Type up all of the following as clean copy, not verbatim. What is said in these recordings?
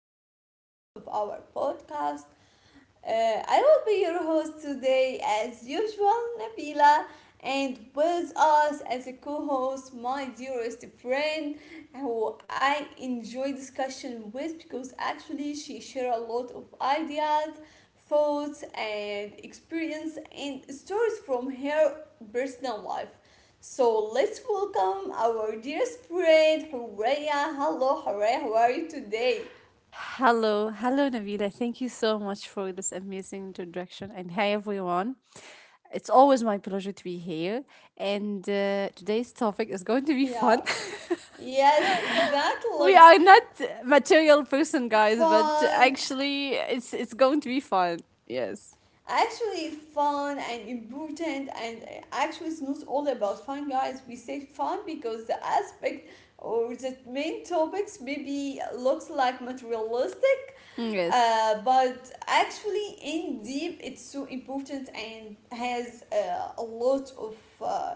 episode of our podcast. I will be your host today, as usual, Nabila, and with us as a co host, my dearest friend, who I enjoy discussion with because actually she share a lot of ideas, thoughts, and experience and stories from her personal life. So let's welcome our dearest friend Horea. Hello, Horea, how are you today? Hello, hello Navila! Thank you so much for this amazing introduction. And hi everyone. It's always my pleasure to be here. And today's topic is going to be fun. Yeah. Yes, We exactly. are not material person guys, but Fun, actually it's going to be fun. Yes. actually fun and important. And actually it's not all about fun, guys. We say fun because the aspect or the main topics maybe looks like materialistic, Mm, yes. But actually in deep it's so important and has a lot of uh,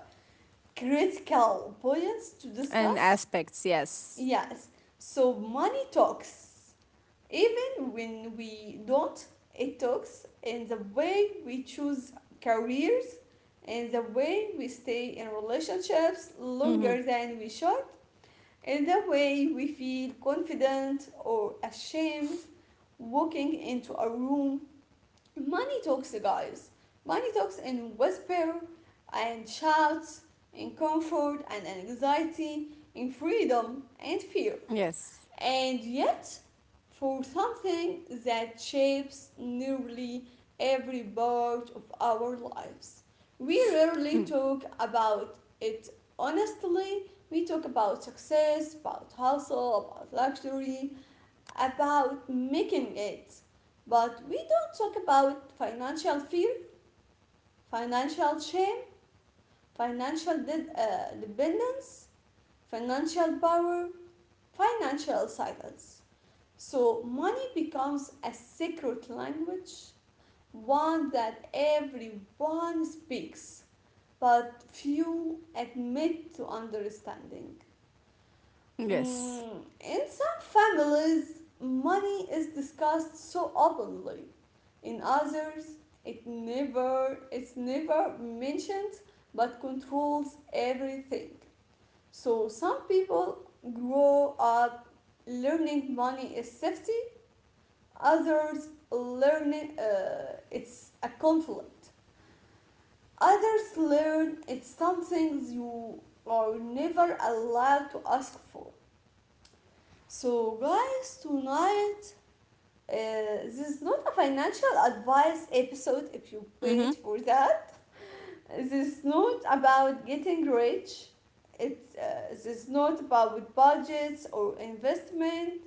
critical points to And discuss. aspects, yes. Yes. So money talks. Even when we don't, it talks in the way we choose careers, in the way we stay in relationships Mhm. longer than we should, in the way we feel confident or ashamed walking into a room. Money talks, guys. Money talks in whisper and shouts, in comfort and anxiety, in freedom and fear, Yes. and yet for something that shapes nearly every part of our lives. We Mm. rarely talk about it honestly. We talk about success, about hustle, about luxury, about making it. But we don't talk about financial fear, financial shame, financial dependence, financial power, financial cycles. So money becomes a secret language, one that everyone speaks but few admit to understanding. Yes. In some families, money is discussed so openly. In others, it's never mentioned but controls everything. So some people grow up learning money is safety, others learn it's a conflict. Others learn it's something you are never allowed to ask for. So, guys, tonight, uh, this is not a financial advice episode if you Mhm. wait for that. This is not about getting rich. This is not about budgets or investment.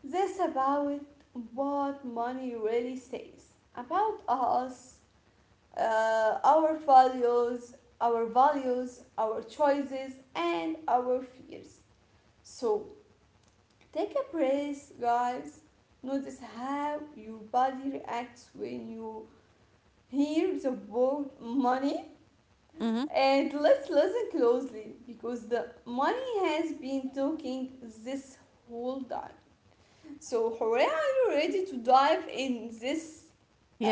This about what money really says about us, uh, our values, our values, our choices, and our fears. So take a breath, guys. Notice how your body reacts when you hear the word money. Mhm. And let's listen closely because the money has been talking this whole time. So, Horea, are you ready to dive in this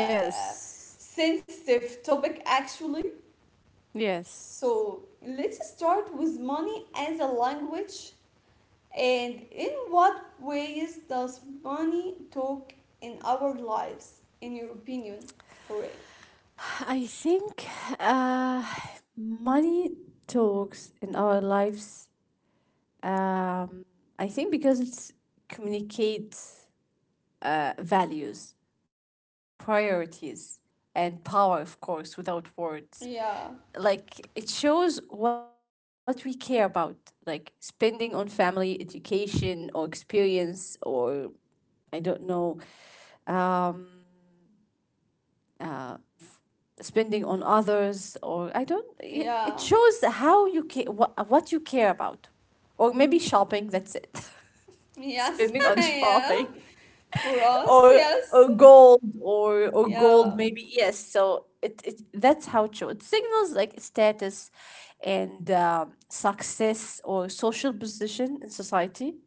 uh, sensitive topic actually? Yes. So, let's start with money as a language and in what ways does money talk in our lives, in your opinion? Horea? I think uh, money talks in our lives. Um, I think because it communicates values, priorities, and power, of course, without words. Yeah, Like it shows what we care about, like spending on family, education, or experience, or I don't know. Um, Spending on others, or I don't It it yeah, shows how you care, what you care about, or maybe shopping, that's it. yes, Spending on yeah. shopping. For us, or yes, or gold, or gold yeah, maybe, yes. So it that's how it shows, it signals like status and success, or social position in society.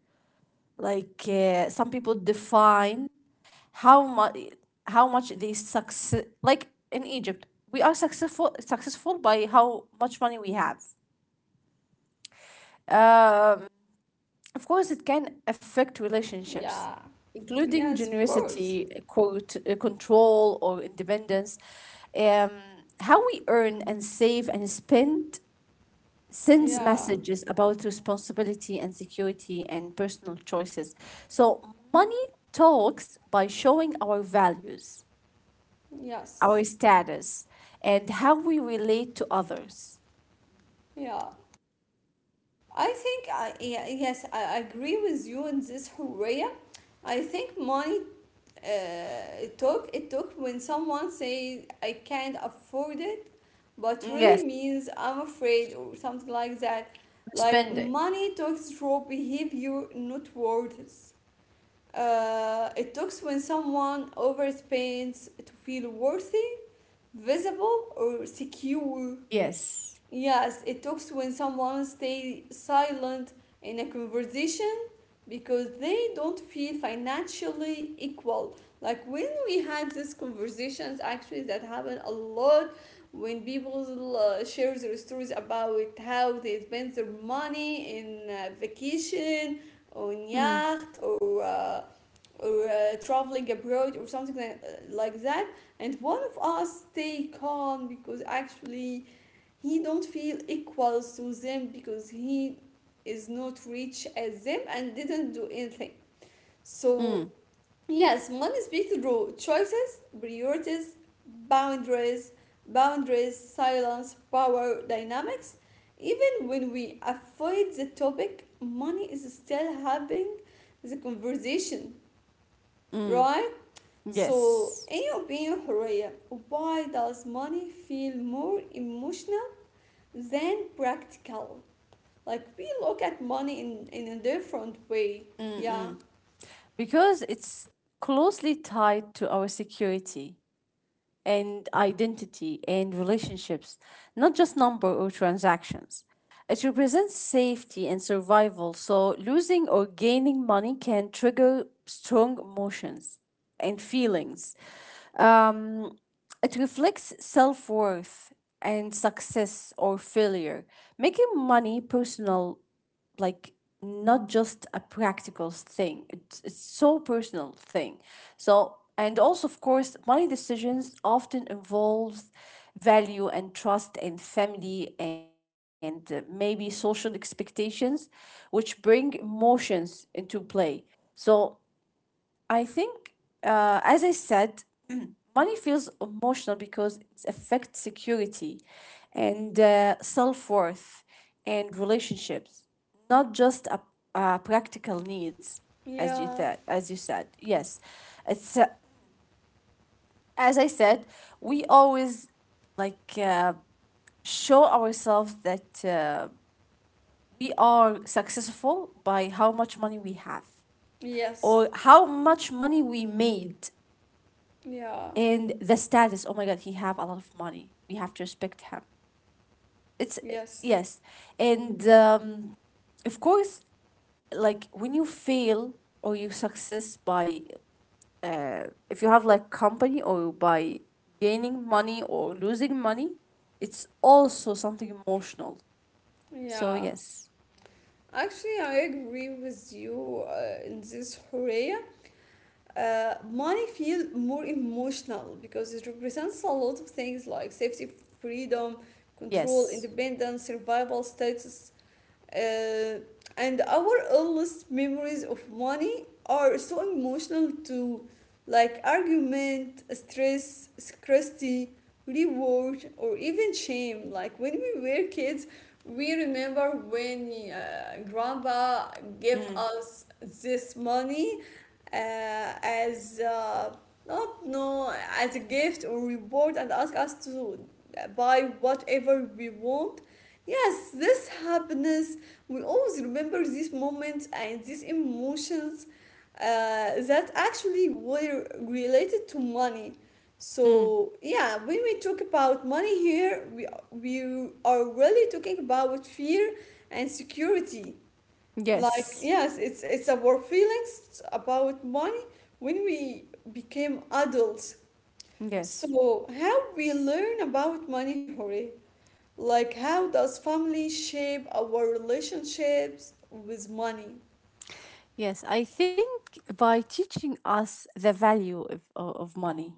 Like some people define how much they success. Like in Egypt, we are successful by how much money we have. Of course, it can affect relationships, yeah, including yes, of course, generosity, quote, control or independence. Um, how we earn and save and spend sends yeah, messages about responsibility and security and personal choices. So money talks by showing our values, yes, our status, and how we relate to others. yeah. I think I yeah, yes, I agree with you in this, Horea. I think money, it took when someone say I can't afford it, but really Yes, means I'm afraid or something like that. Like spending. money talks through behavior, not words. It talks when someone overspends to feel worthy, visible, or secure. Yes. Yes, it talks when someone stay silent in a conversation because they don't feel financially equal. Like when we had these conversations, actually, that happened a lot when people share their stories about how they spend their money in vacation, on Mm, yacht, or traveling abroad or something like that, and one of us stay calm because actually he don't feel equals to them because he is not rich as them and didn't do anything. So mm, yes, money speaks through choices, priorities, boundaries boundaries, silence, power dynamics. Even when we avoid the topic, money is still having the conversation. mm. Right? So Yes. in your opinion, Horea, why does money feel more emotional than practical? Like we look at money in a different way. Yeah. Because it's closely tied to our security, and identity and relationships, not just number or transactions. It represents safety and survival, so losing or gaining money can trigger strong emotions and feelings. Um, it reflects self worth and success or failure, making money personal. Like not just a practical thing, it's so personal thing. So and also of course money decisions often involves value and trust and family and maybe social expectations which bring emotions into play. So I think, as I said, money feels emotional because it affects security and self worth and relationships, not just a practical needs, as you Yeah. said. As you said, yes, it's as I said. We always like show ourselves that we are successful by how much money we have, or Yes. how much money we made. Yeah. And the status, oh my god, he have a lot of money, we have to respect him, it's, Yes. yes. And of course, like when you fail or you success by, uh, if you have like company, or by gaining money or losing money, it's also something emotional. So Yeah. yes, Actually, I agree with you in this, Horea. Money feel more emotional because it represents a lot of things like safety, freedom, control, yes. independence, survival, status, uh, and our earliest memories of money are so emotional too, like argument, stress, scarcity, reward, or even shame. Like when we were kids, we remember when grandpa gave Mm, us this money, uh, as not no as a gift or reward, and ask us to buy whatever we want. Yes, this happiness, we always remember these moments and these emotions that actually were related to money. mm. So yeah, when we talk about money here, we are really talking about fear and security. Like Yes. yes, it's our feelings about money when we became adults. Yes. So, how we learn about money, Hori? Like, how does family shape our relationships with money? Yes, I think by teaching us the value of money,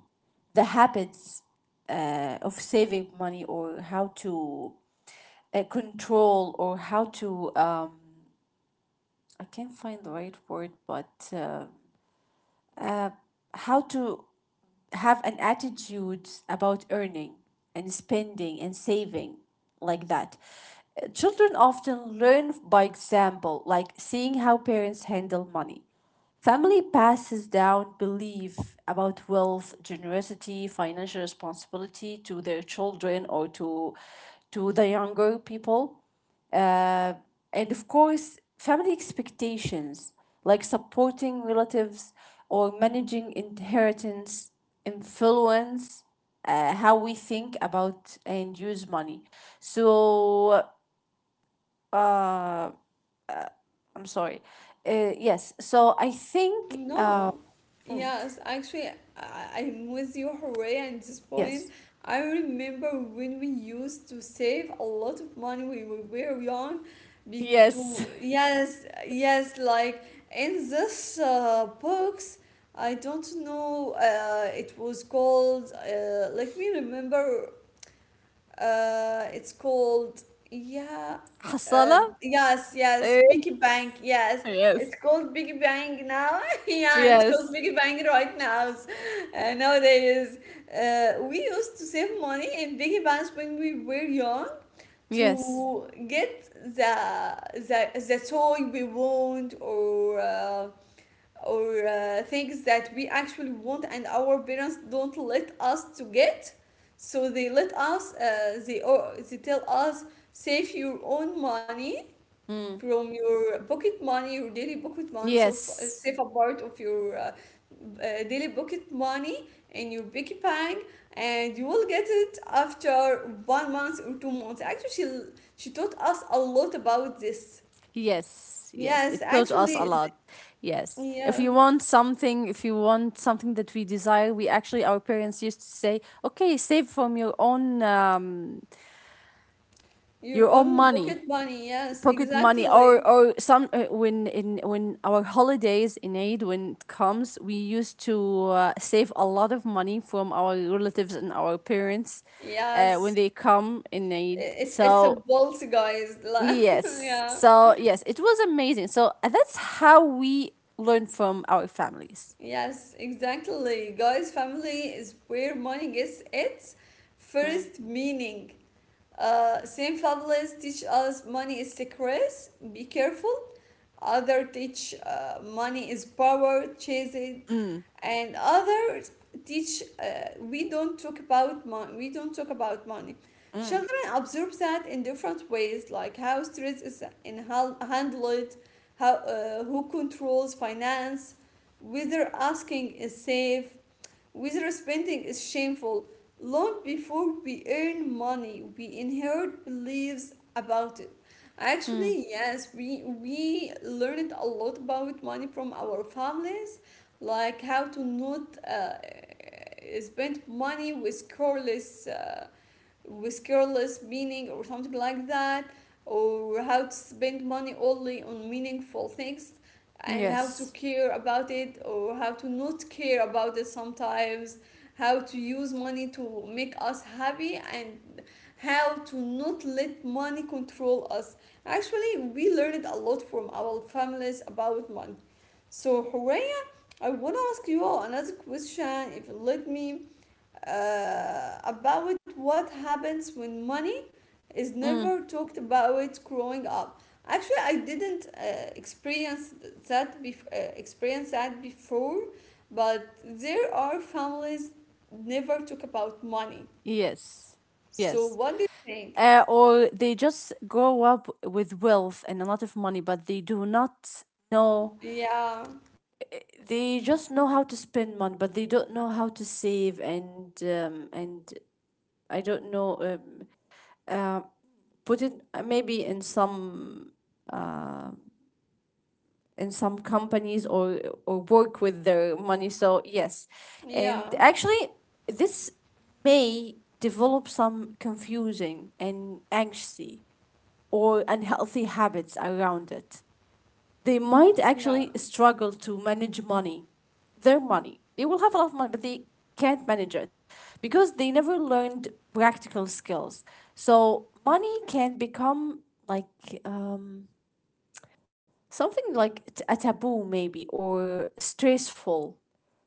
the habits of saving money, or how to control, or how to, I can't find the right word, but uh, how to have an attitude about earning and spending and saving like that. Children often learn by example, like seeing how parents handle money. Family passes down belief about wealth, generosity, financial responsibility to their children, or to the younger people. And of course, family expectations like supporting relatives or managing inheritance influence how we think about and use money. So, uh, I'm sorry. Yes, so I think, No. um, Yes, actually, I'm with you, Hooray, at this point. yes. I remember when we used to save a lot of money when we were young. Be- Yes. to Yes, yes, like in this books, I don't know. It was called. Let me remember. It's called Yeah, حصالة. yes, yes, Eh, Biggie Bang. Yes, yes. it's called Biggie Bang now. Yeah, it's called Yes. Biggie Bang right now. Nowadays, we used to save money in Biggie Bangs when we were young Yes. to get the toy we want. Or things that we actually want and our parents don't let us to get, so they let us, they tell us save your own money Mm. from your pocket money, your daily pocket money. So, Yes. save a part of your daily pocket money in your piggy bank, and you will get it after 1 month or 2 months. Actually she taught us a lot about this. Yes, yes, yes it taught us actually a is- lot. Yes. If yeah. you want something, if you want something that we desire, we actually our parents used to say, "Okay, save from Your your own own money, pocket money, yes, pocket money, or exactly. Some when our holidays in Eid when it comes, we used to save a lot of money from our relatives and our parents when Yes, they come in Eid." I- it's a So bolt, guys. La- yes. Yeah, So yes, it was amazing. So that's how we learn from our families. yes, exactly. Guys, family is where money gets its Mm. first meaning. Same families teach us money is secrets. Be careful. Others teach money is power, chase it, Mm. and others teach we don't talk about money. We don't talk about money. Mm. Children absorb that in different ways, like how stress is in how handled, how who controls finance, whether asking is safe, whether spending is shameful. Long before we earn money, we inherit beliefs about it. Mm. Actually, yes, we learned a lot about money from our families, like how to not spend money with careless, with careless meaning or something like that, or how to spend money only on meaningful things, and how to Yes. care about it, or how to not care about it sometimes, how to use money to make us happy, and how to not let money control us. Actually, we learned a lot from our families about money. So Horea, I want to ask you all another question if you let me, about what happens when money is Mm. never talked about growing up. Actually, I didn't experience that before, but there are families never talk about money. Yes. So Yes. what do you think? Or they just grow up with wealth and a lot of money, but they do not know. Yeah, They just know how to spend money, but they don't know how to save and I don't know. Put it maybe in some companies, or work with their money. So yes, and yeah, actually this may develop some confusing and anxiety, or unhealthy habits around it. They might actually yeah, struggle to manage money, their money. They will have a lot of money, but they can't manage it because they never learned practical skills. So money can become like, something like a taboo, maybe, or stressful,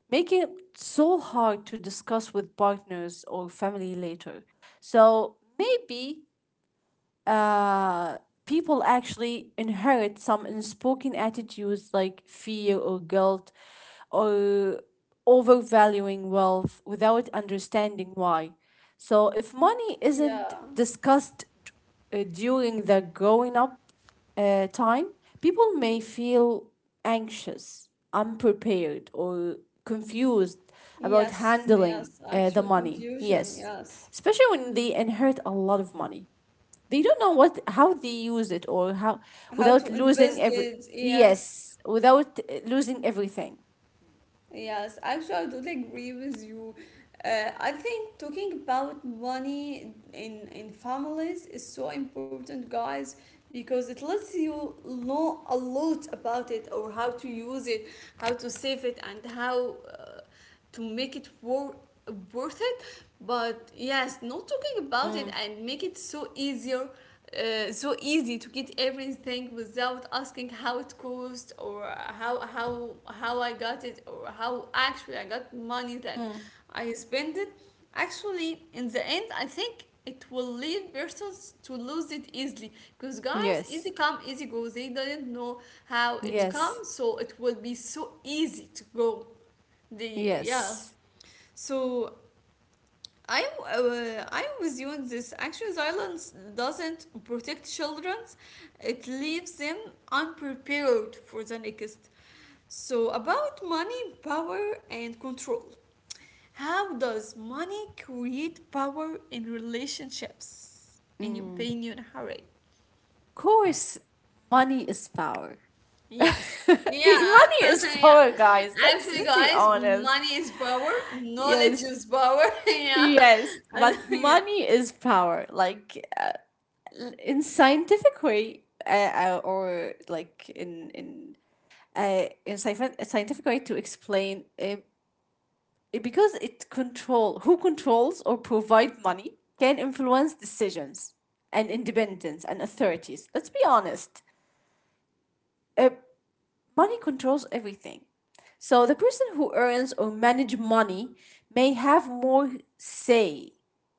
making it so hard to discuss with partners or family later. So maybe uh, people actually inherit some unspoken attitudes like fear or guilt, or overvaluing wealth without understanding why. So, if money isn't yeah. discussed during the growing up time, people may feel anxious, unprepared, or confused about Yes, handling yes. The Actual money. confusion. Yes, Yes. especially when they inherit a lot of money, they don't know what how they use it, or how How without to losing invest every, it? Yes. yes, without losing everything. Yes, actually, I totally agree with you. I think talking about money in families is so important, guys, because it lets you know a lot about it, or how to use it, how to save it, and how to make it worth it. But yes, not talking about it Mm. and make it so easier, so easy to get everything without asking how it cost, or how I got it, or how actually I got money that Mm. I spent it. Actually, in the end, I think it will lead persons to lose it easily because, guys, easy Yes, come, easy go. They didn't know how it yes, comes, so it will be so easy to go. The yeah. yes. So I am with you on this. Actually, silence doesn't protect children; it leaves them unprepared for the next. So about money, power, and control. How does money create power in relationships? In your opinion, Harry? Of course money is power. Yes. Yeah. Money is Yeah. power guys, let's Actually, let's be guys, honest. money is power, knowledge Yes, is power. Yeah. yes. And, But yeah. money is power, like in scientific way, or like in scientific way to explain, it-, because it control who controls or provide money can influence decisions and independence and authorities. Let's be honest. Uh, Money controls everything. So the person who earns or manage money may have more say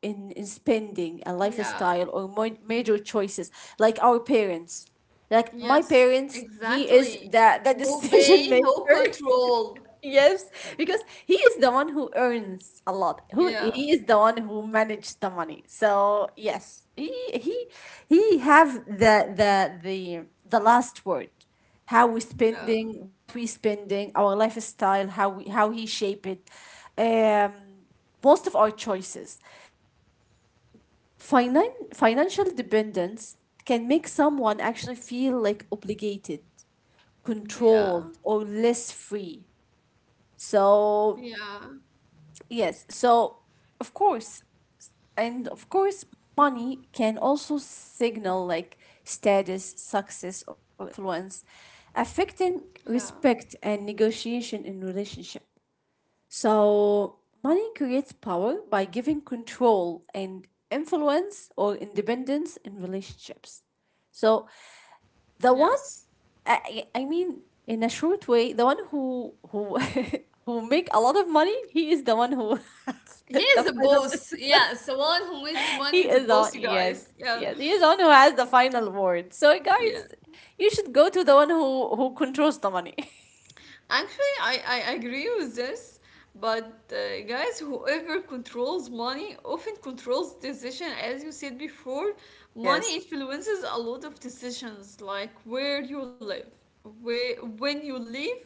in spending and Yeah. lifestyle, or major choices, like our parents. Like my Yes, parents, he is exactly. That Who decision pay, maker. who control. Yes, because he is the one who earns a lot. Who Yeah. he is the one who managed the money. So yes, he he have the last word. How we Yeah. spending, what we spending, our lifestyle, how we how he shape it, um, most of our choices, and financial dependence can make someone actually feel like obligated, Yeah. controlled, or less free. So, Yeah. yes, so of course, and of course, money can also signal like status, success, or influence, affecting Yeah. respect and negotiation in relationship. So, money creates power by giving control and influence or independence in relationships. So, the one, Yes. I mean, in a short way, the one who who make a lot of money, he is the one who has He the is a final. boss. Yeah. So one who makes He money is a is on. boss, you guys. Yes, Yeah. yes, he is the one who has the final word. So, guys, Yeah. you should go to the one who controls the money. Actually, I agree with this, but guys, whoever controls money often controls decision. As you said before, money Yes. influences a lot of decisions, like where you live, where when you live,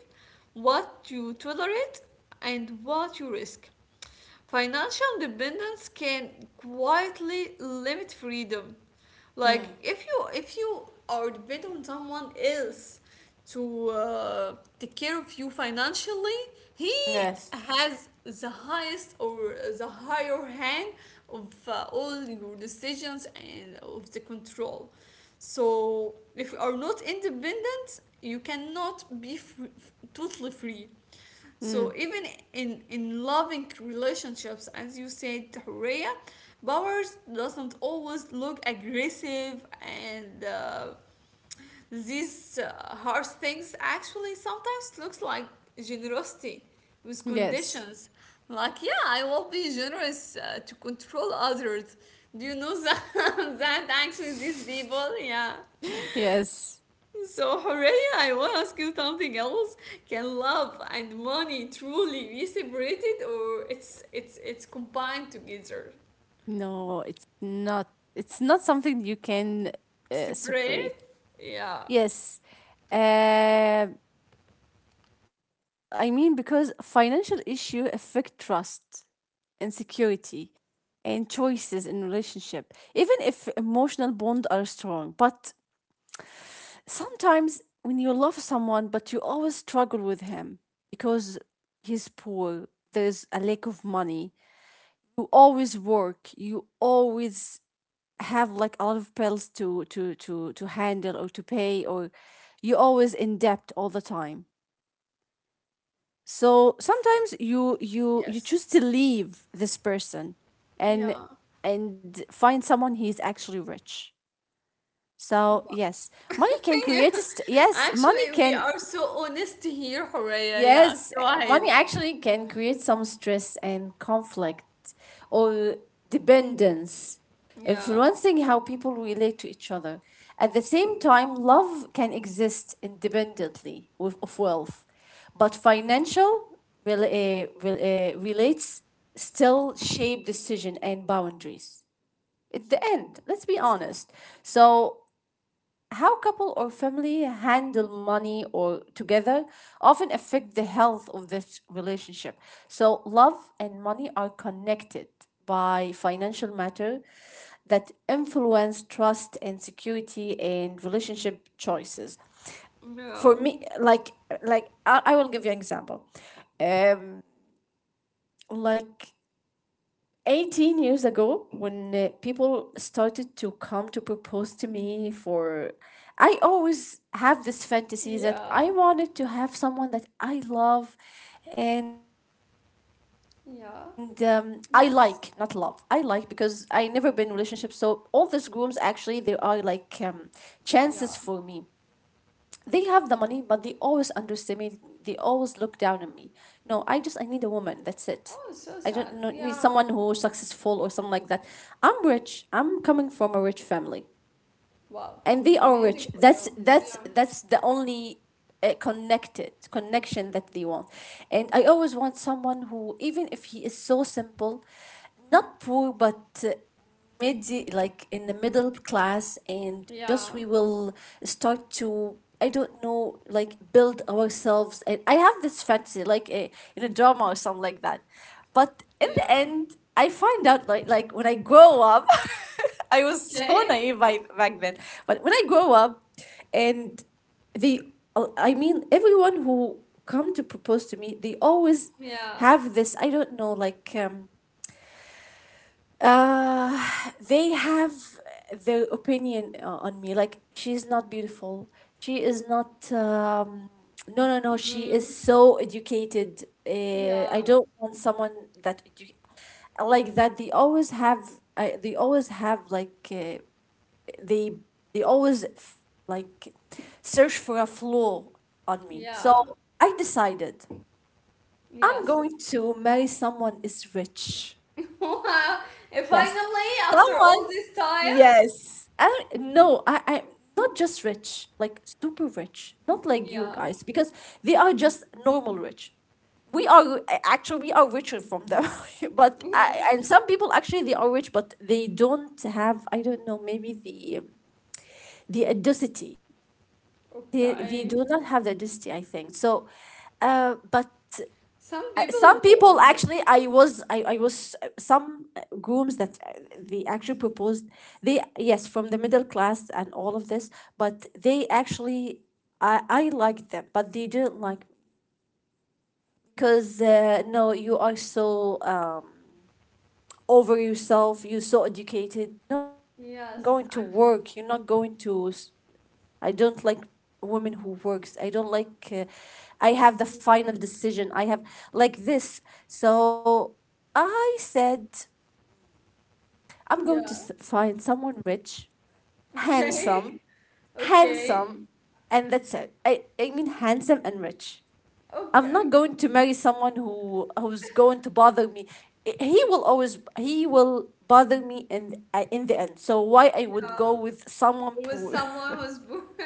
what you tolerate, and what you risk. Financial dependence can quietly limit freedom. Like if you are dependent on someone else to take care of you financially, he Yes. has the highest or the higher hand of all your decisions and of the control. So if you are not independent, you cannot be totally free. Mm, So even in loving relationships, as you said, Horea, Bowers doesn't always look aggressive, and these harsh things actually sometimes looks like generosity with yes. conditions. Like, yeah, I will be generous to control others. Do you know that? That actually these people, yeah. Yes. So, Horea, I want to ask you something else. Can love and money truly be separated, or it's combined together? No, it's not. It's not something you can Separate? separate. Yeah. Yes. Uh, I mean, because financial issue affect trust, insecurity, and choices in relationship. Even if emotional bond are strong, but sometimes when you love someone, but you always struggle with him because he's poor. There's a lack of money. You always work. You always have like a lot of bills to handle or to pay, or you always in debt all the time. So sometimes you Yes. choose to leave this person, and Yeah. Find someone who is actually rich. So Wow. yes, money can create yeah. a yes, money Actually, we can. are so honest here, Horea. Yes. Yes, Go ahead. money actually can create some stress and conflict or dependence, Yeah. influencing how people relate to each other. At the same time, love can exist independently of wealth, but financial relates still shape decision and boundaries. At the end, let's be honest. So how couple or family handle money or together often affect the health of this relationship. So love and money are connected by financial matter that influence trust and security and relationship choices. Yeah. For me, like, I will give you an example. um like 18 years ago, when people started to come to propose to me, for I always have this fantasy that Yeah. I wanted to have someone that I love. And I like, not Yeah. love, I like, because Yes. I never been in a relationship. So all these grooms actually there are like, chances for me. Yeah. They have the money, but they always underestimate me, they always look down on me. No, I just, I need a woman, that's it. Oh, it's so I don't sad. know, need Yeah. someone who's successful or something like that. I'm rich, I'm coming from a rich family, Wow. It's and they are amazing rich. for you. That's Yeah. The only connected connection that they want. And I always want someone who, even if he is so simple, not poor but, mid, like in the middle class, and Yeah. just we will start to, I don't know, like build ourselves. And I have this fantasy like a, in a drama or something like that, but in the Yeah. end I find out like, when I grow up I was so Okay. naive by, back then. But when I grow up, and they, I mean, everyone who come to propose to me, they always Yeah. have this. I don't know, like they have their opinion on me. Like she's not beautiful. She is not. No, no, no. She Mm. is so educated. I Yeah. don't want someone that edu- like that. They always have. They always have like. They they always f- like search for a flaw on me. So Yeah. I decided I'm Yes. going to marry someone is rich. Wow. And Yes, finally, after someone. all this time. Yes, I not just rich, like super rich, not like you Yeah. guys because they are just normal rich. We are actually we are richer from them, but Yeah. And some people actually they are rich, but they don't have I don't know maybe the audacity. They do Okay. not have the density, I think. So, uh, but Some uh, people. Some people actually, I was some grooms that they actually proposed. They yes, from the middle class and all of this, but they actually, I liked them, but they didn't like me. Because no, you are so over yourself. You're so educated. No, no, no, no. You're not Yes. going to work. You're not going to s- I don't like women who works. I don't like. I have the final decision. I have like this. So I said I'm going to yeah. Find someone rich, Okay. handsome, Okay. handsome, and that's it. I mean handsome and rich. I'm Okay. not going to marry someone who's going to bother me. He will always he will bother me in the end. So why I would go Yeah. with someone With poor? someone who's born.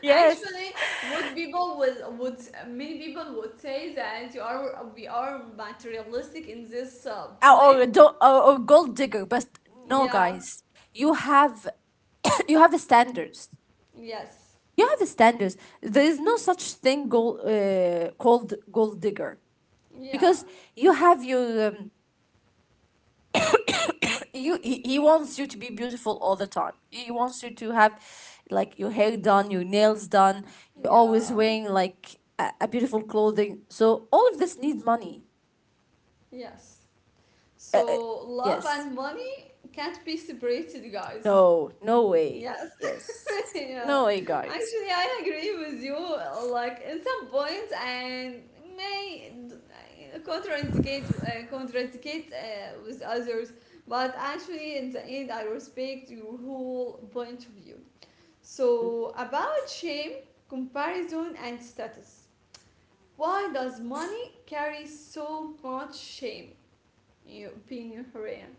yes, Actually, what people would many people would say that you are we are materialistic in this point. or or gold digger, but no Yeah, guys, you have you have standards. yes, You have standards. There is no such thing gold, called gold digger, because yeah, you have your you he wants you to be beautiful all the time. He wants you to have like your hair done, your nails done. You're always yeah, wearing like a beautiful clothing, so all of this needs money. yes. So love Yes, and money can't be separated, guys. no, no way. Yes, Yes, yeah. no way guys. Actually, I agree with you. Like in some points, and may contraindicate contradicate with others, but actually, in the end, I respect your whole point of view. So about shame, comparison, and status. Why does money carry so much shame? You being a Korean.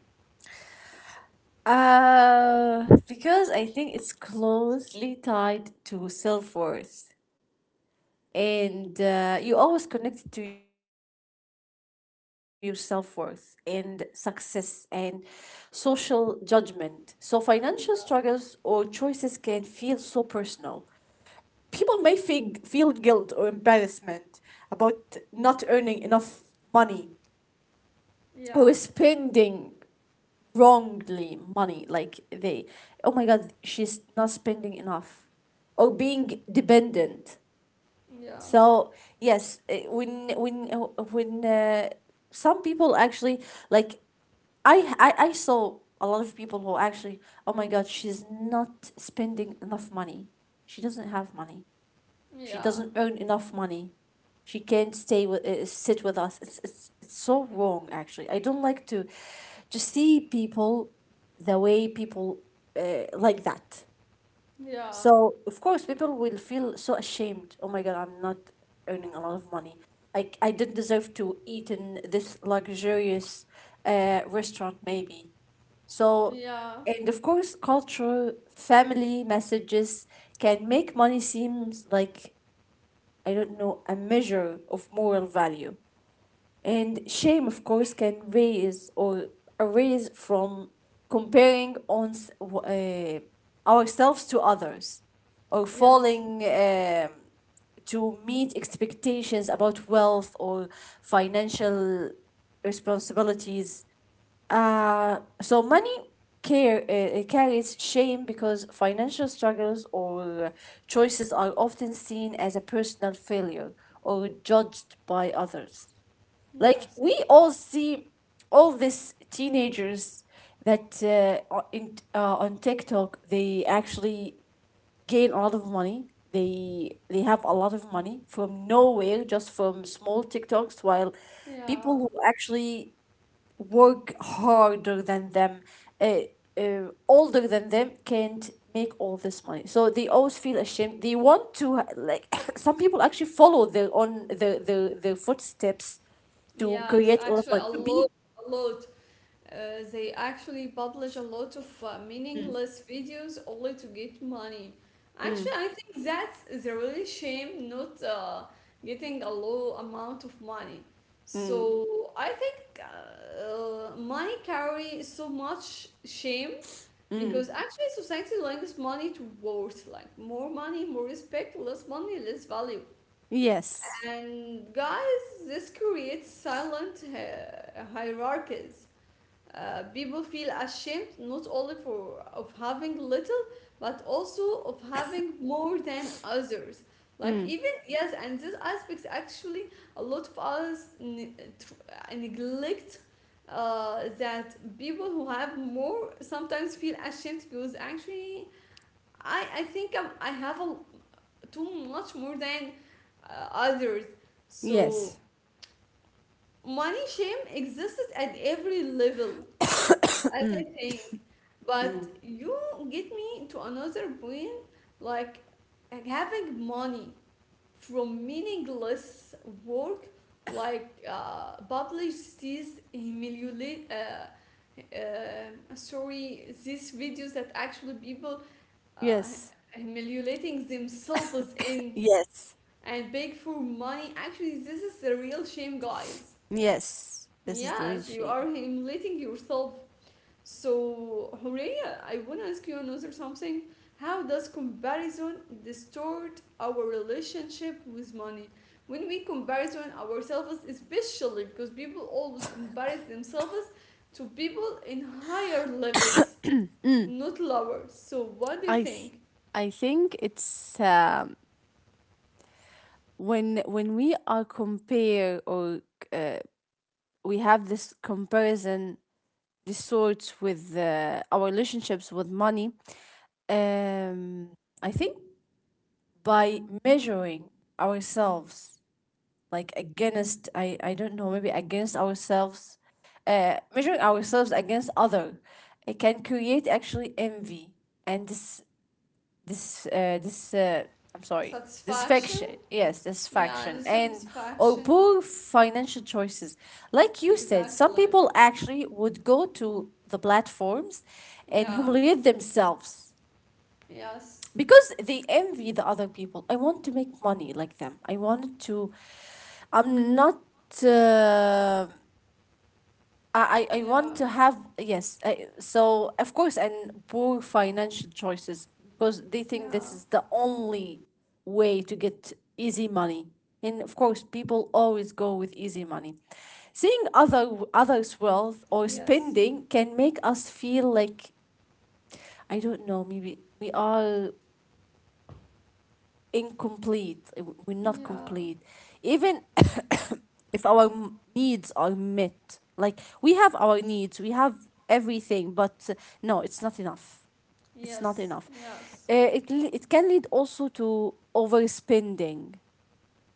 Because I think it's closely tied to self worth, and you always connect to your self worth and success and social judgment. So financial struggles or choices can feel so personal. People may feel guilt or embarrassment about not earning enough money, Yeah, or spending wrongly money, like they, oh my god, she's not spending enough, or being dependent. yeah, So yes, when some people actually like, I saw a lot of people who actually, oh my god, she's not spending enough money, she doesn't have money, she yeah, doesn't earn enough money. She can't stay with sit with us. It's it's so wrong actually. I don't like to see people the way people like that. yeah, So of course people will feel so ashamed. Oh my god, I'm not earning a lot of money. I didn't deserve to eat in this luxurious restaurant maybe. So, yeah, and of course culture, family messages can make money seems like I don't know, a measure of moral value. And shame, of course, can raise or arise from comparing on s- w- uh, ourselves to others, or yes, falling um, to meet expectations about wealth or financial responsibilities. So money care carries shame because financial struggles or choices are often seen as a personal failure, or judged by others. Like yes, we all see all these teenagers that on TikTok they actually gain a lot of money. They have a lot of money from nowhere, just from small TikToks, while people who yeah, actually work harder than them, uh, older than them, can't make all this money. So they always feel ashamed. They want to like some people actually follow their own their footsteps to create yes. a lot of Actually, money a to be. lot, a lot. They actually publish a lot of meaningless videos only to get money. Actually, I think that's is a really shame not getting a low amount of money. Mm, So I think money carry so much shame mm. because actually society links money to worth, like more money, more respect, less money, less value. Yes. And guys, this creates silent hierarchies, people feel ashamed not only for of having little but also of having more than others, like Mm. even yes, and this aspect actually a lot of us neglect that people who have more sometimes feel ashamed because actually I think I have a, too much more than others, so Yes. money shame exists at every level, other thing. But you get me to another point, like having money from meaningless work, like publicities humiliate. Sorry, these videos that actually people uh, Yes. humiliating themselves in Yes. and beg for money. Actually, this is the real shame, guys. Yes. This is the real Yes, you shame. are humiliating yourself. So, Horea, I want to ask you another something. How does comparison distort our relationship with money? When we comparison ourselves, especially because people always compare themselves to people in higher levels, not lower. So, what do you I th- think? I think it's when we are compare or we have this comparison this sort with our relationships with money. Um i think by measuring ourselves like against I don't know, maybe against ourselves, measuring ourselves against other, it can create actually envy, and this I'm sorry, this Satisfaction? faction. Yes, this Yeah, faction. the And or satisfaction. poor financial choices, like you said, some Exactly. people actually would go to the platforms and Yeah. humiliate themselves Yes. because they envy the other people. I want to make money like them. I wanted to. I'm not uh, I, I I Yeah. want to have. Yes, I, so of course, and poor financial choices, because they think Yeah. this is the only way to get easy money, and of course people always go with easy money. Seeing other others wealth or Yes. spending can make us feel like I don't know, maybe we are incomplete. We're not Yeah. complete. Even if our needs are met, like we have our needs, we have everything, but no, it's not enough. It's not Yes. enough. Yes. It it can lead also to overspending,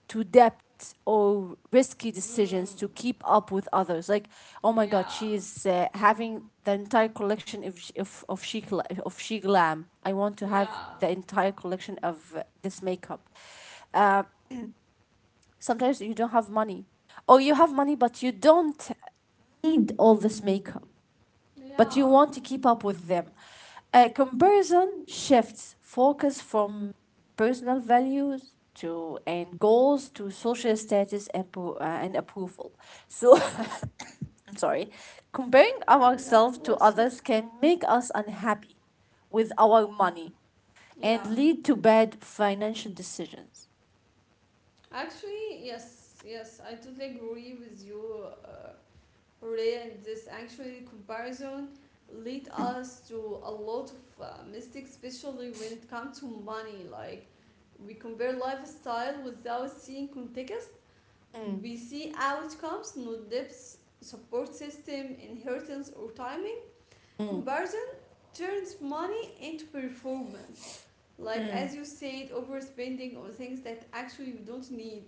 to depth or risky decisions Mm, to keep up with others, like oh my god, yeah, she's having the entire collection of she glam. I want to have yeah, the entire collection of this makeup. uh, Sometimes you don't have money, or you have money but you don't need all this makeup, but you yeah. want to keep up with them. Comparison shifts focus from personal values to and goals to social status and, and approval. So, I'm sorry, comparing Okay, God ourselves to bless you. others can make us unhappy with our money and Yeah, lead to bad financial decisions. actually, yes, yes, I totally agree with you, Ray. And this actually comparison lead us to a lot of mistakes, especially when it comes to money. Like we compare lifestyle without seeing context. Mm. We see outcomes, not depths, support system, inheritance, or timing. Mm. Comparison turns money into performance. Like as you said, overspending on things that actually you don't need.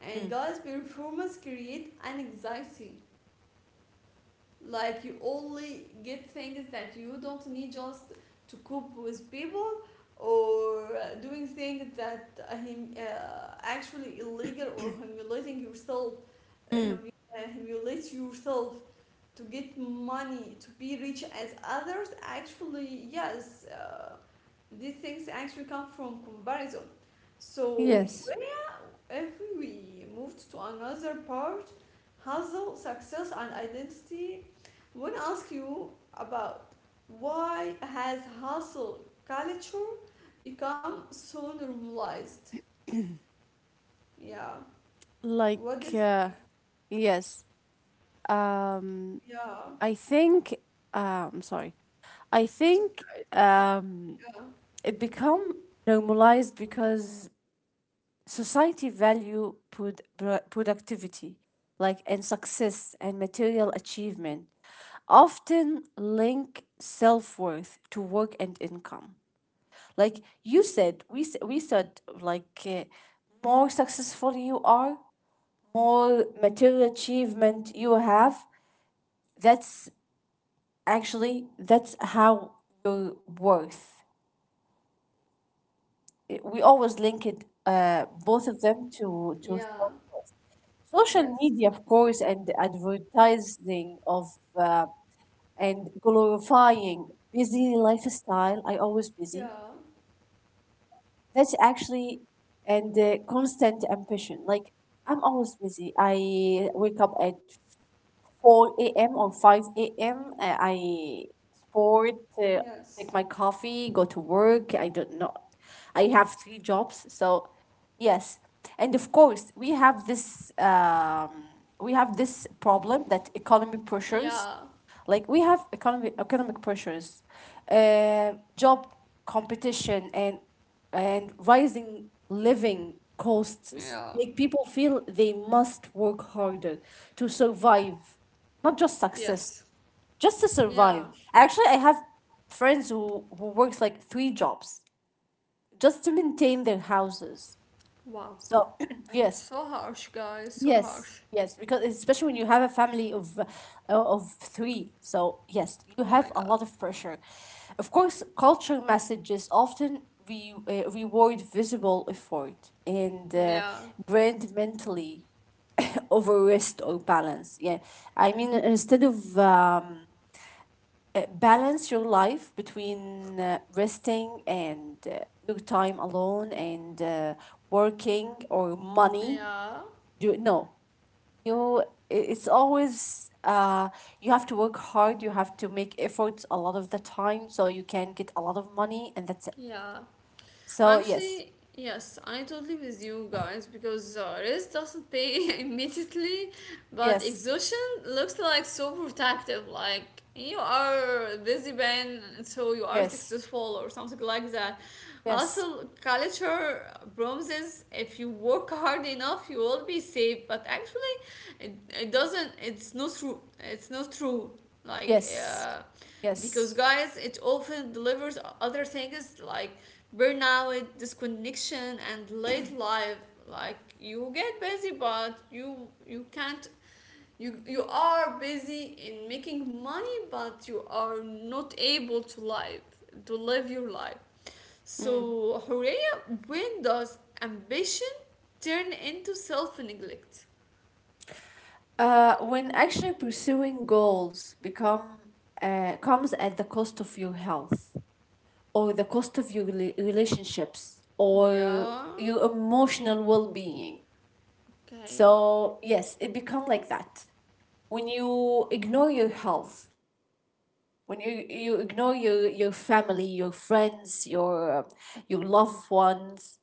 And guys, performance create an anxiety. Like you only get things that you don't need just to cope with people, or doing things that actually illegal, or humiliating yourself, uh, Mm. hum- humiliate yourself to get money to be rich as others. Actually, yes. These things actually come from comparison. So, Yes. Horea, if we moved to another part, hustle, success, and identity, I want to ask you about why has hustle culture become so normalized? Yeah. What do you Like, think? uh, yes. Um, Yeah. I think sorry. I Okay. It's okay. think um it become normalized because society value put productivity, like, and success and material achievement often link self-worth to work and income. Like you said, we said like, more successful you are, more material achievement you have, that's actually, that's how you worth. We always link it, both of them to Yeah. self worth. Social Yes. media, of course, and advertising of uh, and glorifying busy lifestyle. I always busy. Yeah. That's actually. And constant ambition. Like I'm always busy. I wake up at 4 a.m. or 5 a.m. I sport, uh, Yes. take my coffee, go to work. I don't know. I have three jobs, so yes. And of course, we have this problem that economy Yeah. pressures, like we have economic pressures, job competition, and rising living costs Yeah. make people feel they must work harder to survive, not just success, Yes. just to Yeah. survive. Actually, I have friends who works like three jobs just to maintain their houses. Wow. So yes. So harsh, guys. So Yes, harsh. yes, because especially when you have a family of three, so yes, Oh you my have a god. lot of pressure. Of course, culture messages often re reward visible effort and Yeah. brand mentally over rest or balance. Yeah, I mean instead of balance your life between resting and your time alone and working or money. Yeah. Do no you know, it's always you have to work hard, you have to make efforts a lot of the time so you can get a lot of money and that's it. Yeah. So yes, Actually, yes, I totally with you guys because rest doesn't pay immediately, but yes, exhaustion looks like so protective. Like you are a busy man, so you are yes, successful or something like that. yes, Hustle culture promises if you work hard enough, you will be safe. But actually, it doesn't. It's not true. It's not true. Like. yes, Uh, yes. because guys it often delivers other things like burnout, disconnection, and late life. Like you get busy, but you can't, you are busy in making money but you are not able to live, to live your life. So Horea, when does ambition turn into self-neglect? When actually pursuing goals become comes at the cost of your health, or the cost of your relationships or Yeah. your emotional well-being. Okay. So yes, it become like that. When you ignore your health, when you ignore your family, your friends, your loved ones,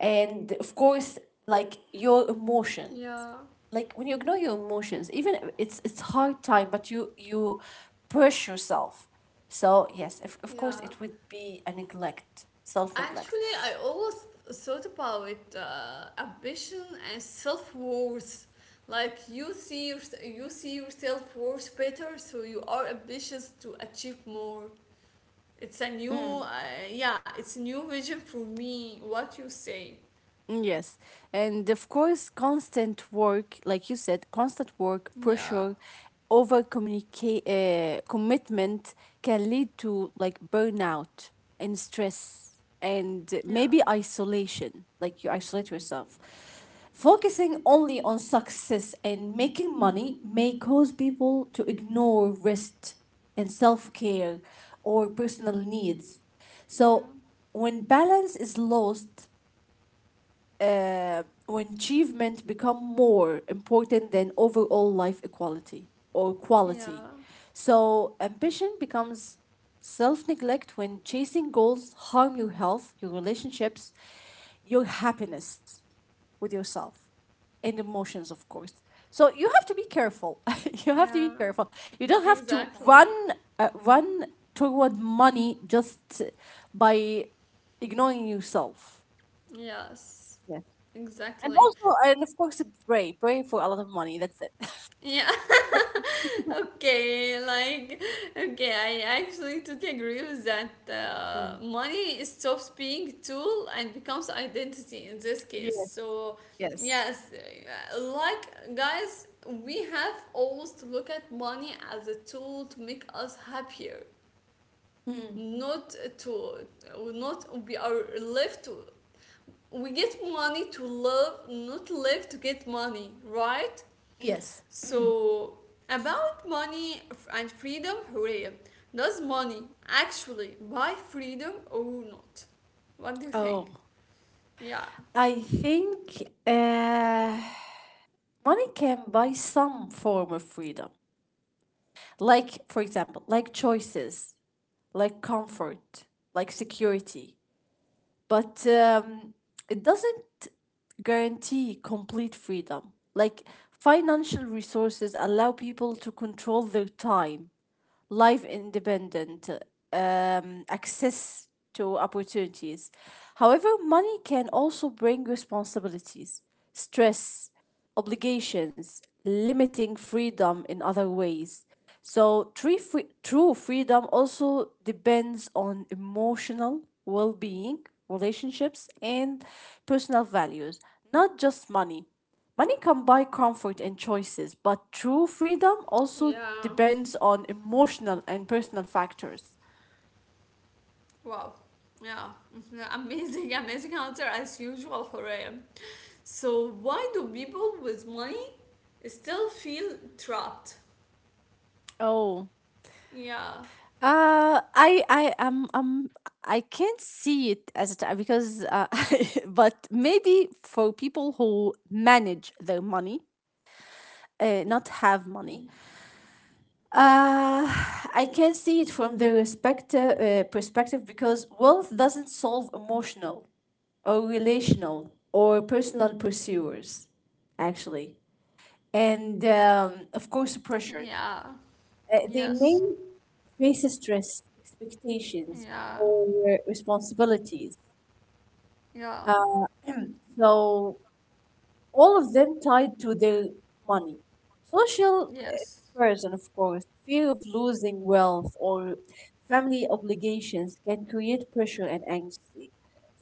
and of course like your emotion. Yeah. Like when you ignore your emotions, even if it's it's hard time, but you push yourself. So yes, of course Yeah, it would be a neglect, self neglect. actually, I always thought about ambition and self worth. Like you see your, you see yourself worth better, so you are ambitious to achieve more. It's a new, uh, yeah, it's a new vision for me. What you say? Mm, yes. And of course, constant work, like you said, constant work, Yeah, pressure, commitment can lead to like burnout and stress and yeah, maybe isolation, like you isolate yourself. Focusing only on success and making money may cause people to ignore rest and self care or personal needs. So, yeah, when balance is lost, when achievement become more important than overall life equality or quality. yeah, So ambition becomes self-neglect when chasing goals harm your health, your relationships, your happiness with yourself and emotions of course. So you have to be careful. you have to be yeah. careful. You don't have to run Exactly. run toward money just by ignoring yourself. Yes, And exactly. also, and of course, pray, pray for a lot of money. That's it. Yeah. Okay, like okay, I actually totally agree with that. Money stops being tool and becomes identity in this case. Yes, So yes, yes, like guys, we have always to look at money as a tool to make us happier, not to, not we are left to, we get money to love not live to get money, right? yes. So, about money and freedom, Horea, does money actually buy freedom or not? What do you think? Oh, Yeah. I think money can buy some form of freedom. Like, for example, like choices, like comfort, like security. But it doesn't guarantee complete freedom. Like, financial resources allow people to control their time, life independent, access to opportunities. However, money can also bring responsibilities, stress, obligations, limiting freedom in other ways. So, true freedom also depends on emotional well being, relationships, and personal values, not just money. Money can buy comfort and choices, but true freedom also Yeah. depends on emotional and personal factors. Wow. Yeah, amazing, amazing answer as usual, Horea. So, why do people with money still feel trapped? Oh. Yeah, I I can't see it as a time because but maybe for people who manage their money, not have money. Uh, I can see it from the respect, perspective because wealth doesn't solve emotional or relational or personal pursuers, actually. And of course, pressures. yeah, They yes, may face stress, expectations, yeah, or responsibilities. yeah, So all of them tied to their money. Social yes, comparison, of course, fear of losing wealth or family obligations can create pressure and anxiety.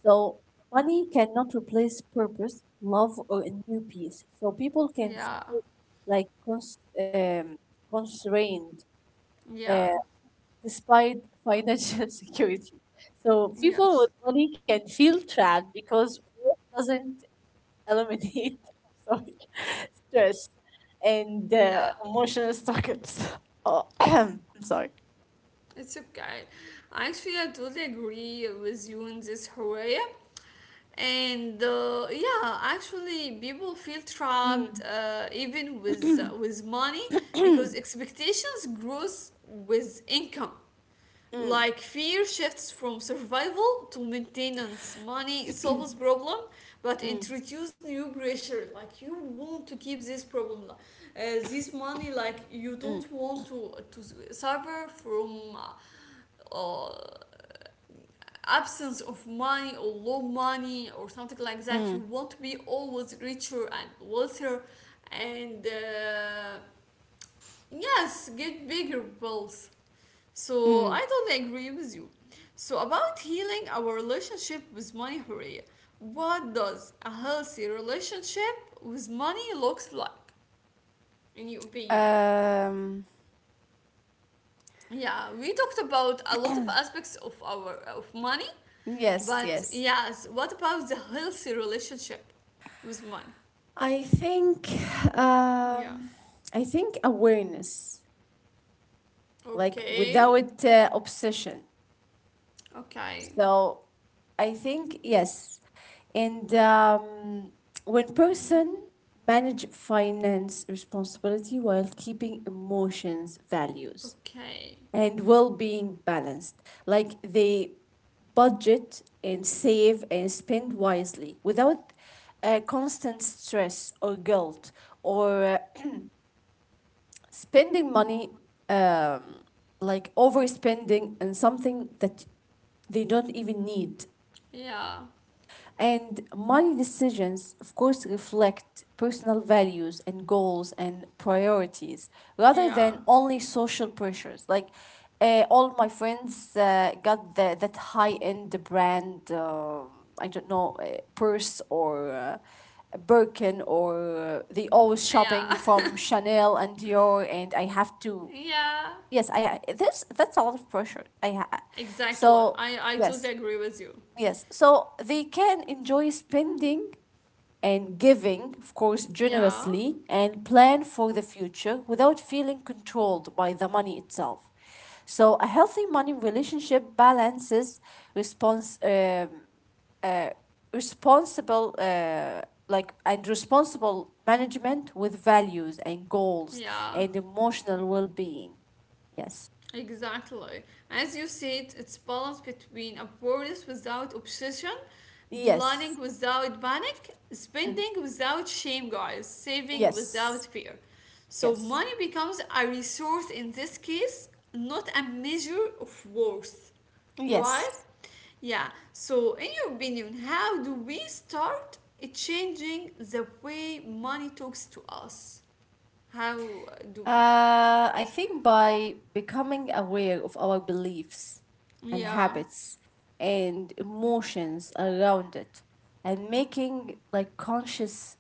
So, money cannot replace purpose, love, or a new peace. So, people can yeah, feel like constrained uh, yeah, despite financial security. So, people yes, with money can feel trapped because work doesn't y- eliminate sorry, stress and yeah. emotional struggles. Oh, I'm sorry. It's okay. Actually, I totally agree with you in this area. And yeah, actually, people feel trapped Mm, even with money because expectations grows with income. Like fear shifts from survival to maintenance. Money solves problem, but mm, introduce new pressure. Like you want to keep this problem, this money. Like you mm, don't want to suffer from uh, absence of money or low money or something like that. You want to be always richer and wealthier, and yes, get bigger bills. So mm, I don't agree with you. So about healing our relationship with money, Hurriya, what does a healthy relationship with money looks like in your opinion? mm. Um, Yeah, we talked about a lot of aspects of our of money. yes, But yes. yes, what about the healthy relationship with money? I think Yeah. um, I think awareness, like Okay. without obsession. Okay. So I think yes. And when Mm. person manage finance responsibility while keeping emotions, values, Okay. and well-being balanced, like they budget and save and spend wisely without constant stress or guilt or spending money um, like overspending on something that they don't even need. Yeah. And money decisions, of course, reflect personal values and goals and priorities rather than Yeah. only social pressures. Like all my friends got the, that high end brand, I don't know, purse or a Birkin, or they Oh, always shopping yeah. from Chanel and Dior, and I have to. yeah. Yes, this that's a lot of pressure. Exactly. So I yes. totally agree with you. Yes, so they can enjoy spending and giving, of course, Yeah. generously and plan for the future without feeling controlled by the money itself. So, a healthy money relationship balances response, uh, responsible, uh, like and responsible management with values and goals Yeah. and emotional well-being. Yes, Exactly. As you said, it's balance between awareness without obsession, planning yes, without panic, spending without shame, guys, saving without yes, fear. So yes, money becomes a resource in this case, not a measure of worth, yes. right? Yeah. So, in your opinion, how do we start changing the way money talks to us? How do we? I think by becoming aware of our beliefs and Yeah. habits and emotions around it and making like conscious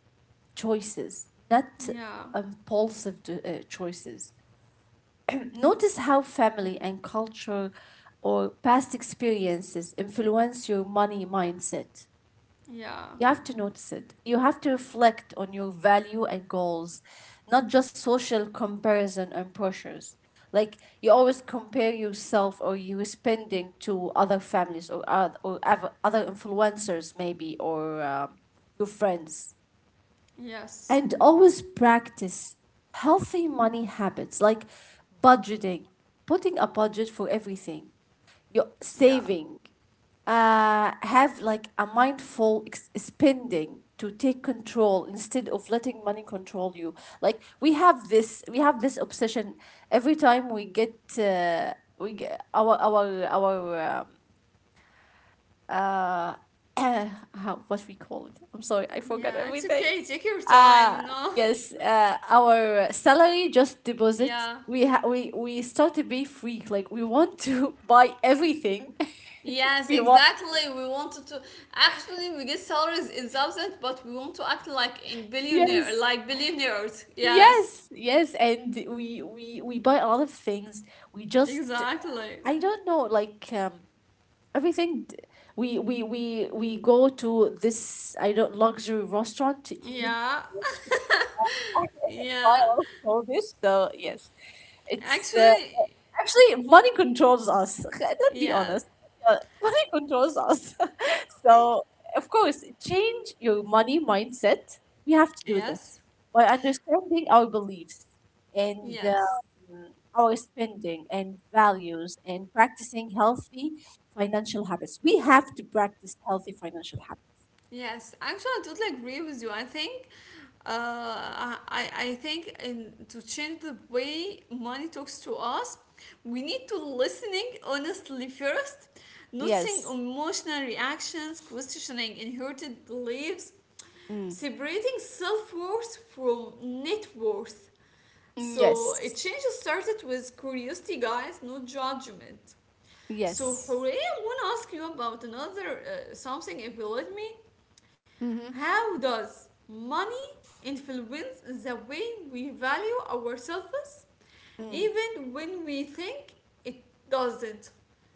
choices, not Yeah. impulsive choices. Notice how family and culture or past experiences influence your money mindset. Yeah. You have to notice it. You have to reflect on your value and goals, not just social comparison and pressures. Like you always compare yourself or you spending to other families or other other influencers maybe or your friends. Yes. And always practice healthy money habits like budgeting, putting a budget for everything, your Yeah. saving, have like a mindful spending to take control instead of letting money control you, like we have this obsession every time we get our uh, how, what we call it. I'm sorry, I forgot Yeah. It's everything. okay. Take your uh time. No. yes, our salary just deposit, Yeah. We start to be freak, like we want to buy everything. Yes, we want exactly. We wanted to actually we get salaries in thousands, but we want to act like in billionaire, Yes, like billionaires. Yes. yes, yes, and we buy a lot of things. We just, Exactly. I don't know, like everything we go to this, I don't, luxury restaurant to eat, Yeah. buy Yeah. All this. So yes, it's Actually, actually money controls us. Let's be yeah. honest. Uh, Money controls us. I, So of course, change your money mindset. We have to do this yes. by understanding our beliefs and Yes. um, our spending and values and practicing healthy financial habits. We have to practice healthy financial habits. Yes, actually, I totally agree with you. I think, I think in to change the way money talks to us, we need to listening honestly first, noticing Yes. emotional reactions, questioning inherited beliefs, Mm. separating self worth from net worth. Mm. So a Yes. change started with curiosity, guys, no judgment. So Yes. Hooray, I want to ask you about another something if you let me. Mm-hmm. How does money influence the way we value ourselves, Mm. even when we think it doesn't?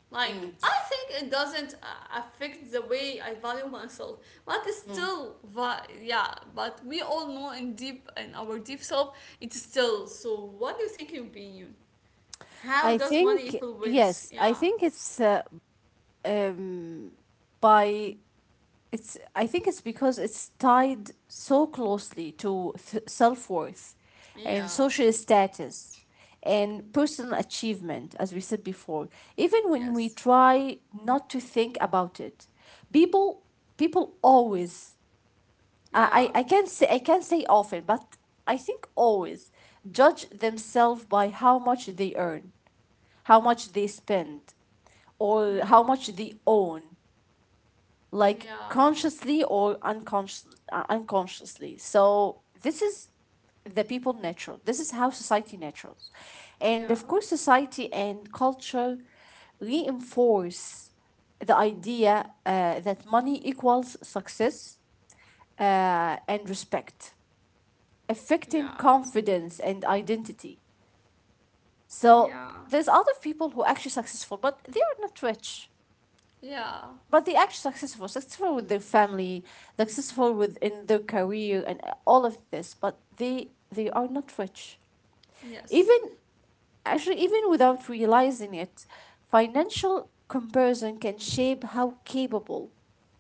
Like, I Mm. think it doesn't affect the way I value myself, but it's Mm. still, yeah, but we all know in deep, in our deep self, it's still. So, what do you think, in your opinion? How I does money think influence? yes. I Yeah, think it's um, by it's I think it's because it's tied so closely to self-worth and yeah, social status and personal achievement, as we said before, even when we yes, try not to think about it. people People always, yeah, I can't say, I can't say often but I think always judge themselves by how much they earn, how much they spend, or yeah, how much they own, like yeah, consciously or unconsciously. So this is the people natural, this is how society naturals, and yeah, of course society and culture reinforce the idea that money equals success and respect, affecting yeah. confidence and identity. So Yeah, there's other people who are actually successful but they are not rich, yeah, but they are successful, successful with their family, successful within their career and all of this, but they are not rich. yes, Even Actually even without realizing it, financial comparison can shape how capable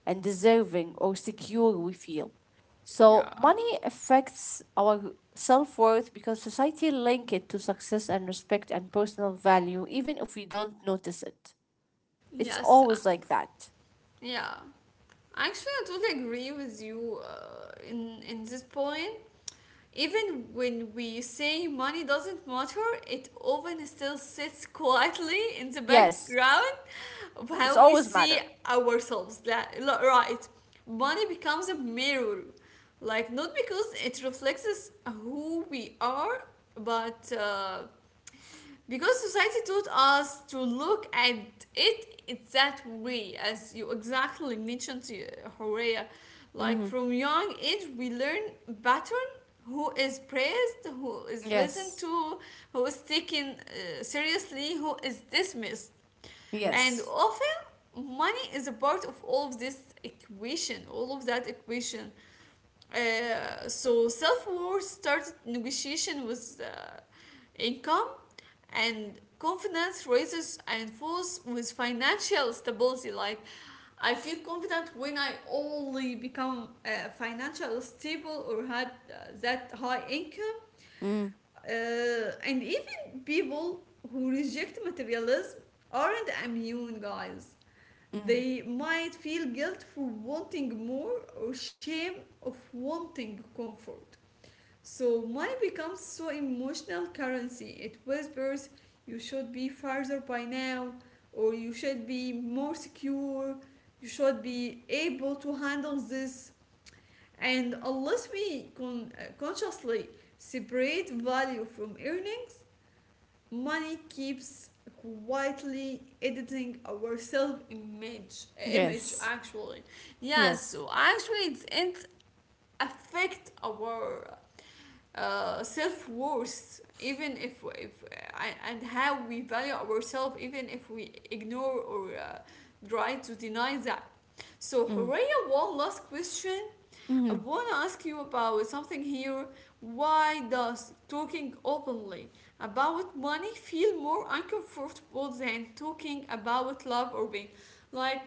and deserving or secure we feel. So yeah, money affects our self-worth because society link it to success and respect and personal value even if we don't notice it. It's yes, always like that. yeah. Actually, I totally agree with you in this point. Even when we say money doesn't matter, it often still sits quietly in the Yes. background of It's how we always see matter. ourselves. That, right, money becomes a mirror, like not because it reflects who we are, but. Because society taught us to look at it in that way, as you exactly mentioned, Horea. Like Mm-hmm. from young age, we learn pattern, who is praised, who is listened Yes. to, who is taken seriously, who is dismissed. And Yes. often, money is a part of all of this equation, all of that equation. So self worth started negotiation with income, and confidence raises and falls with financial stability. Like I feel confident when I only become financially stable, or had that high income. Mm. Uh, and even people who reject materialism aren't immune, guys. Mm. They might feel guilt for wanting more, or shame of wanting comfort. So money becomes so emotional currency. It whispers you should be farther by now, or you should be more secure, you should be able to handle this. And unless we consciously separate value from earnings, money keeps quietly editing our self image image, Yes. actually. Yes, Yes. so actually it affect our self worth, even if and how we value ourselves, even if we ignore or try to deny that. So, Mm. Horea, one last question I Mm. want to ask you about something here. Why does talking openly about money feel more uncomfortable than talking about love or being, like,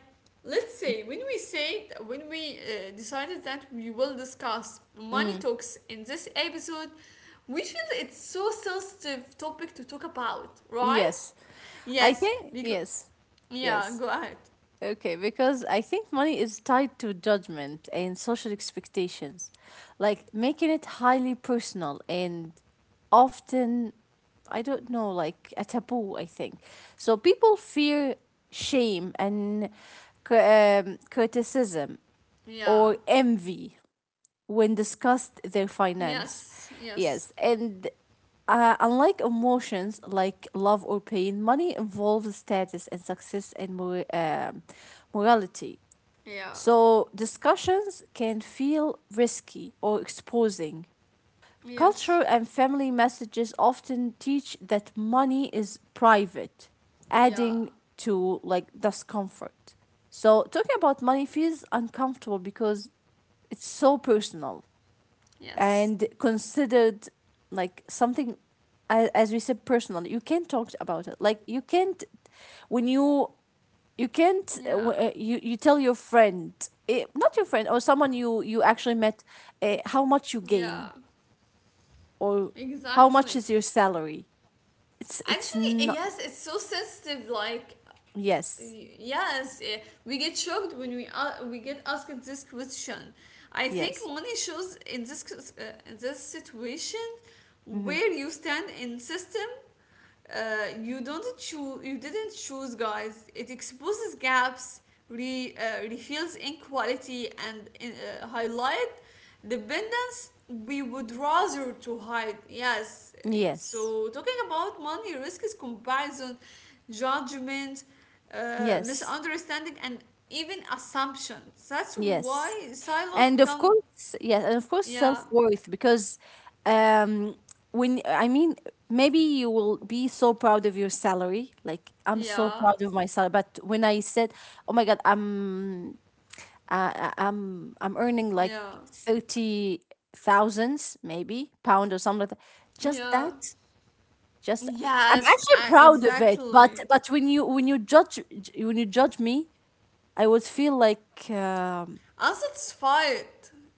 let's say when we decided that we will discuss money Mm. talks in this episode, we feel it's so sensitive topic to talk about, right? Yes. I Yes, think because, yes. yeah, Yes. go ahead. Okay, because I think money is tied to judgment and social expectations, like making it highly personal and often, I don't know, like a taboo, I think. So people fear shame and cri- criticism Yeah, or envy when discussed their finance. yes, Yes, yes, and unlike emotions like love or pain, money involves status and success and morality. yeah, So discussions can feel risky or exposing. Culture yes, and family messages often teach that money is private, yeah. adding to like discomfort. So talking about money feels uncomfortable because it's so personal and Yes. considered like something, a- as we said, personal. You can't talk about it, like you can't, when you can't, Yeah. You you tell your friend, eh, not your friend or someone you you actually met, how much you gain Yeah. or how much Exactly. is your salary. It's Actually, not. yes, it's so sensitive. Like, Yes, yes, we get shocked when we get asked this question. I yes. think money shows in this in this situation Hmm. where you stand in system. You don't choose. You didn't choose, guys. It exposes gaps, reveals inequality, and highlight the ben- we would rather to hide, yes. Yes, So talking about money risk is comparison, judgment, yes, misunderstanding, and even assumptions, that's yes, why silos and of become, course, yes, and of course yeah, self-worth because um when I mean, maybe you will be so proud of your salary, like I'm so yeah, proud of my salary, but when I said, oh my god, I'm earning like yeah, 30 thousands maybe pound or something like that, just that, yeah, just, I'm yes, actually proud of it, but exactly, when you, when you judge, when you judge me, I would feel like unsatisfied,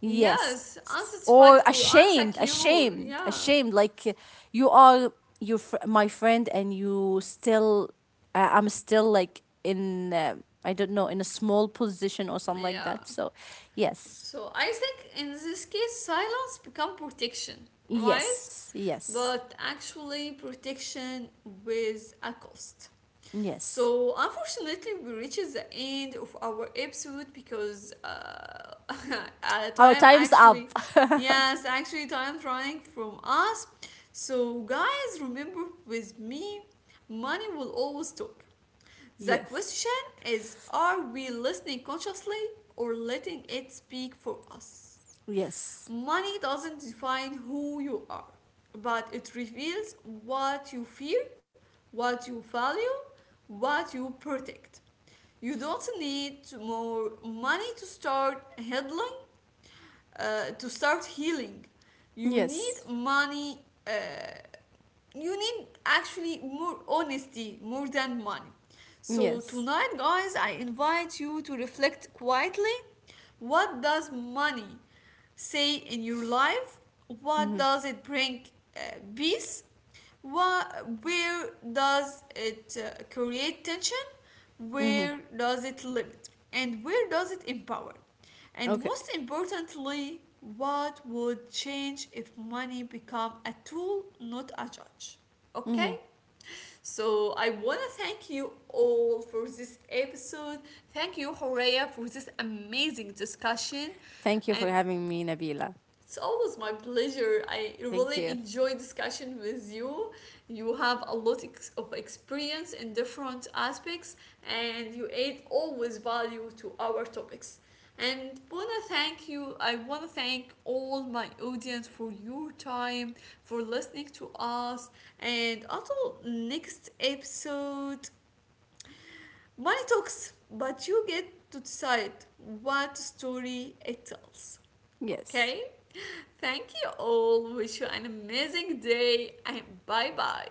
yes, yes or unsatisfied or ashamed, unsecure, ashamed, yeah ashamed, like you are your my friend and you still I'm still like in I don't know, in a small position or something like yeah. that. So yes, So I think in this case, silence become protection, right? yes, yes, But actually, protection with a cost. yes, So unfortunately, we reaches the end of our episode because our time time's up. actually, yes, actually time running from us. So guys, remember with me, money will always talk. The Yes, question is, are we listening consciously or letting it speak for us? yes, Money doesn't define who you are, but it reveals what you fear, what you value, what you protect. You don't need more money to start healing, to start healing. You need yes, money, uh, you need actually more honesty more than money. So yes. tonight, guys, I invite you to reflect quietly. What does money say in your life? What Mm-hmm. does it bring, uh, peace? What, where does it create tension? Mm-hmm. Where does it limit? And where does it empower? And Okay. most importantly, what would change if money become a tool, not a judge? Mm-hmm. Okay? So I want to thank you all for this episode. Thank you, Horea, for this amazing discussion. Thank you for And having me, Nabila. it's always my pleasure. I Thank really you. enjoy discussion with you. You have a lot of experience in different aspects, and you add always value to our topics. And wanna thank you. I wanna thank all my audience for your time, for listening to us, and until next episode. Money talks, but you get to decide what story it tells. Yes. Okay? Thank you all. Wish you an amazing day and bye bye.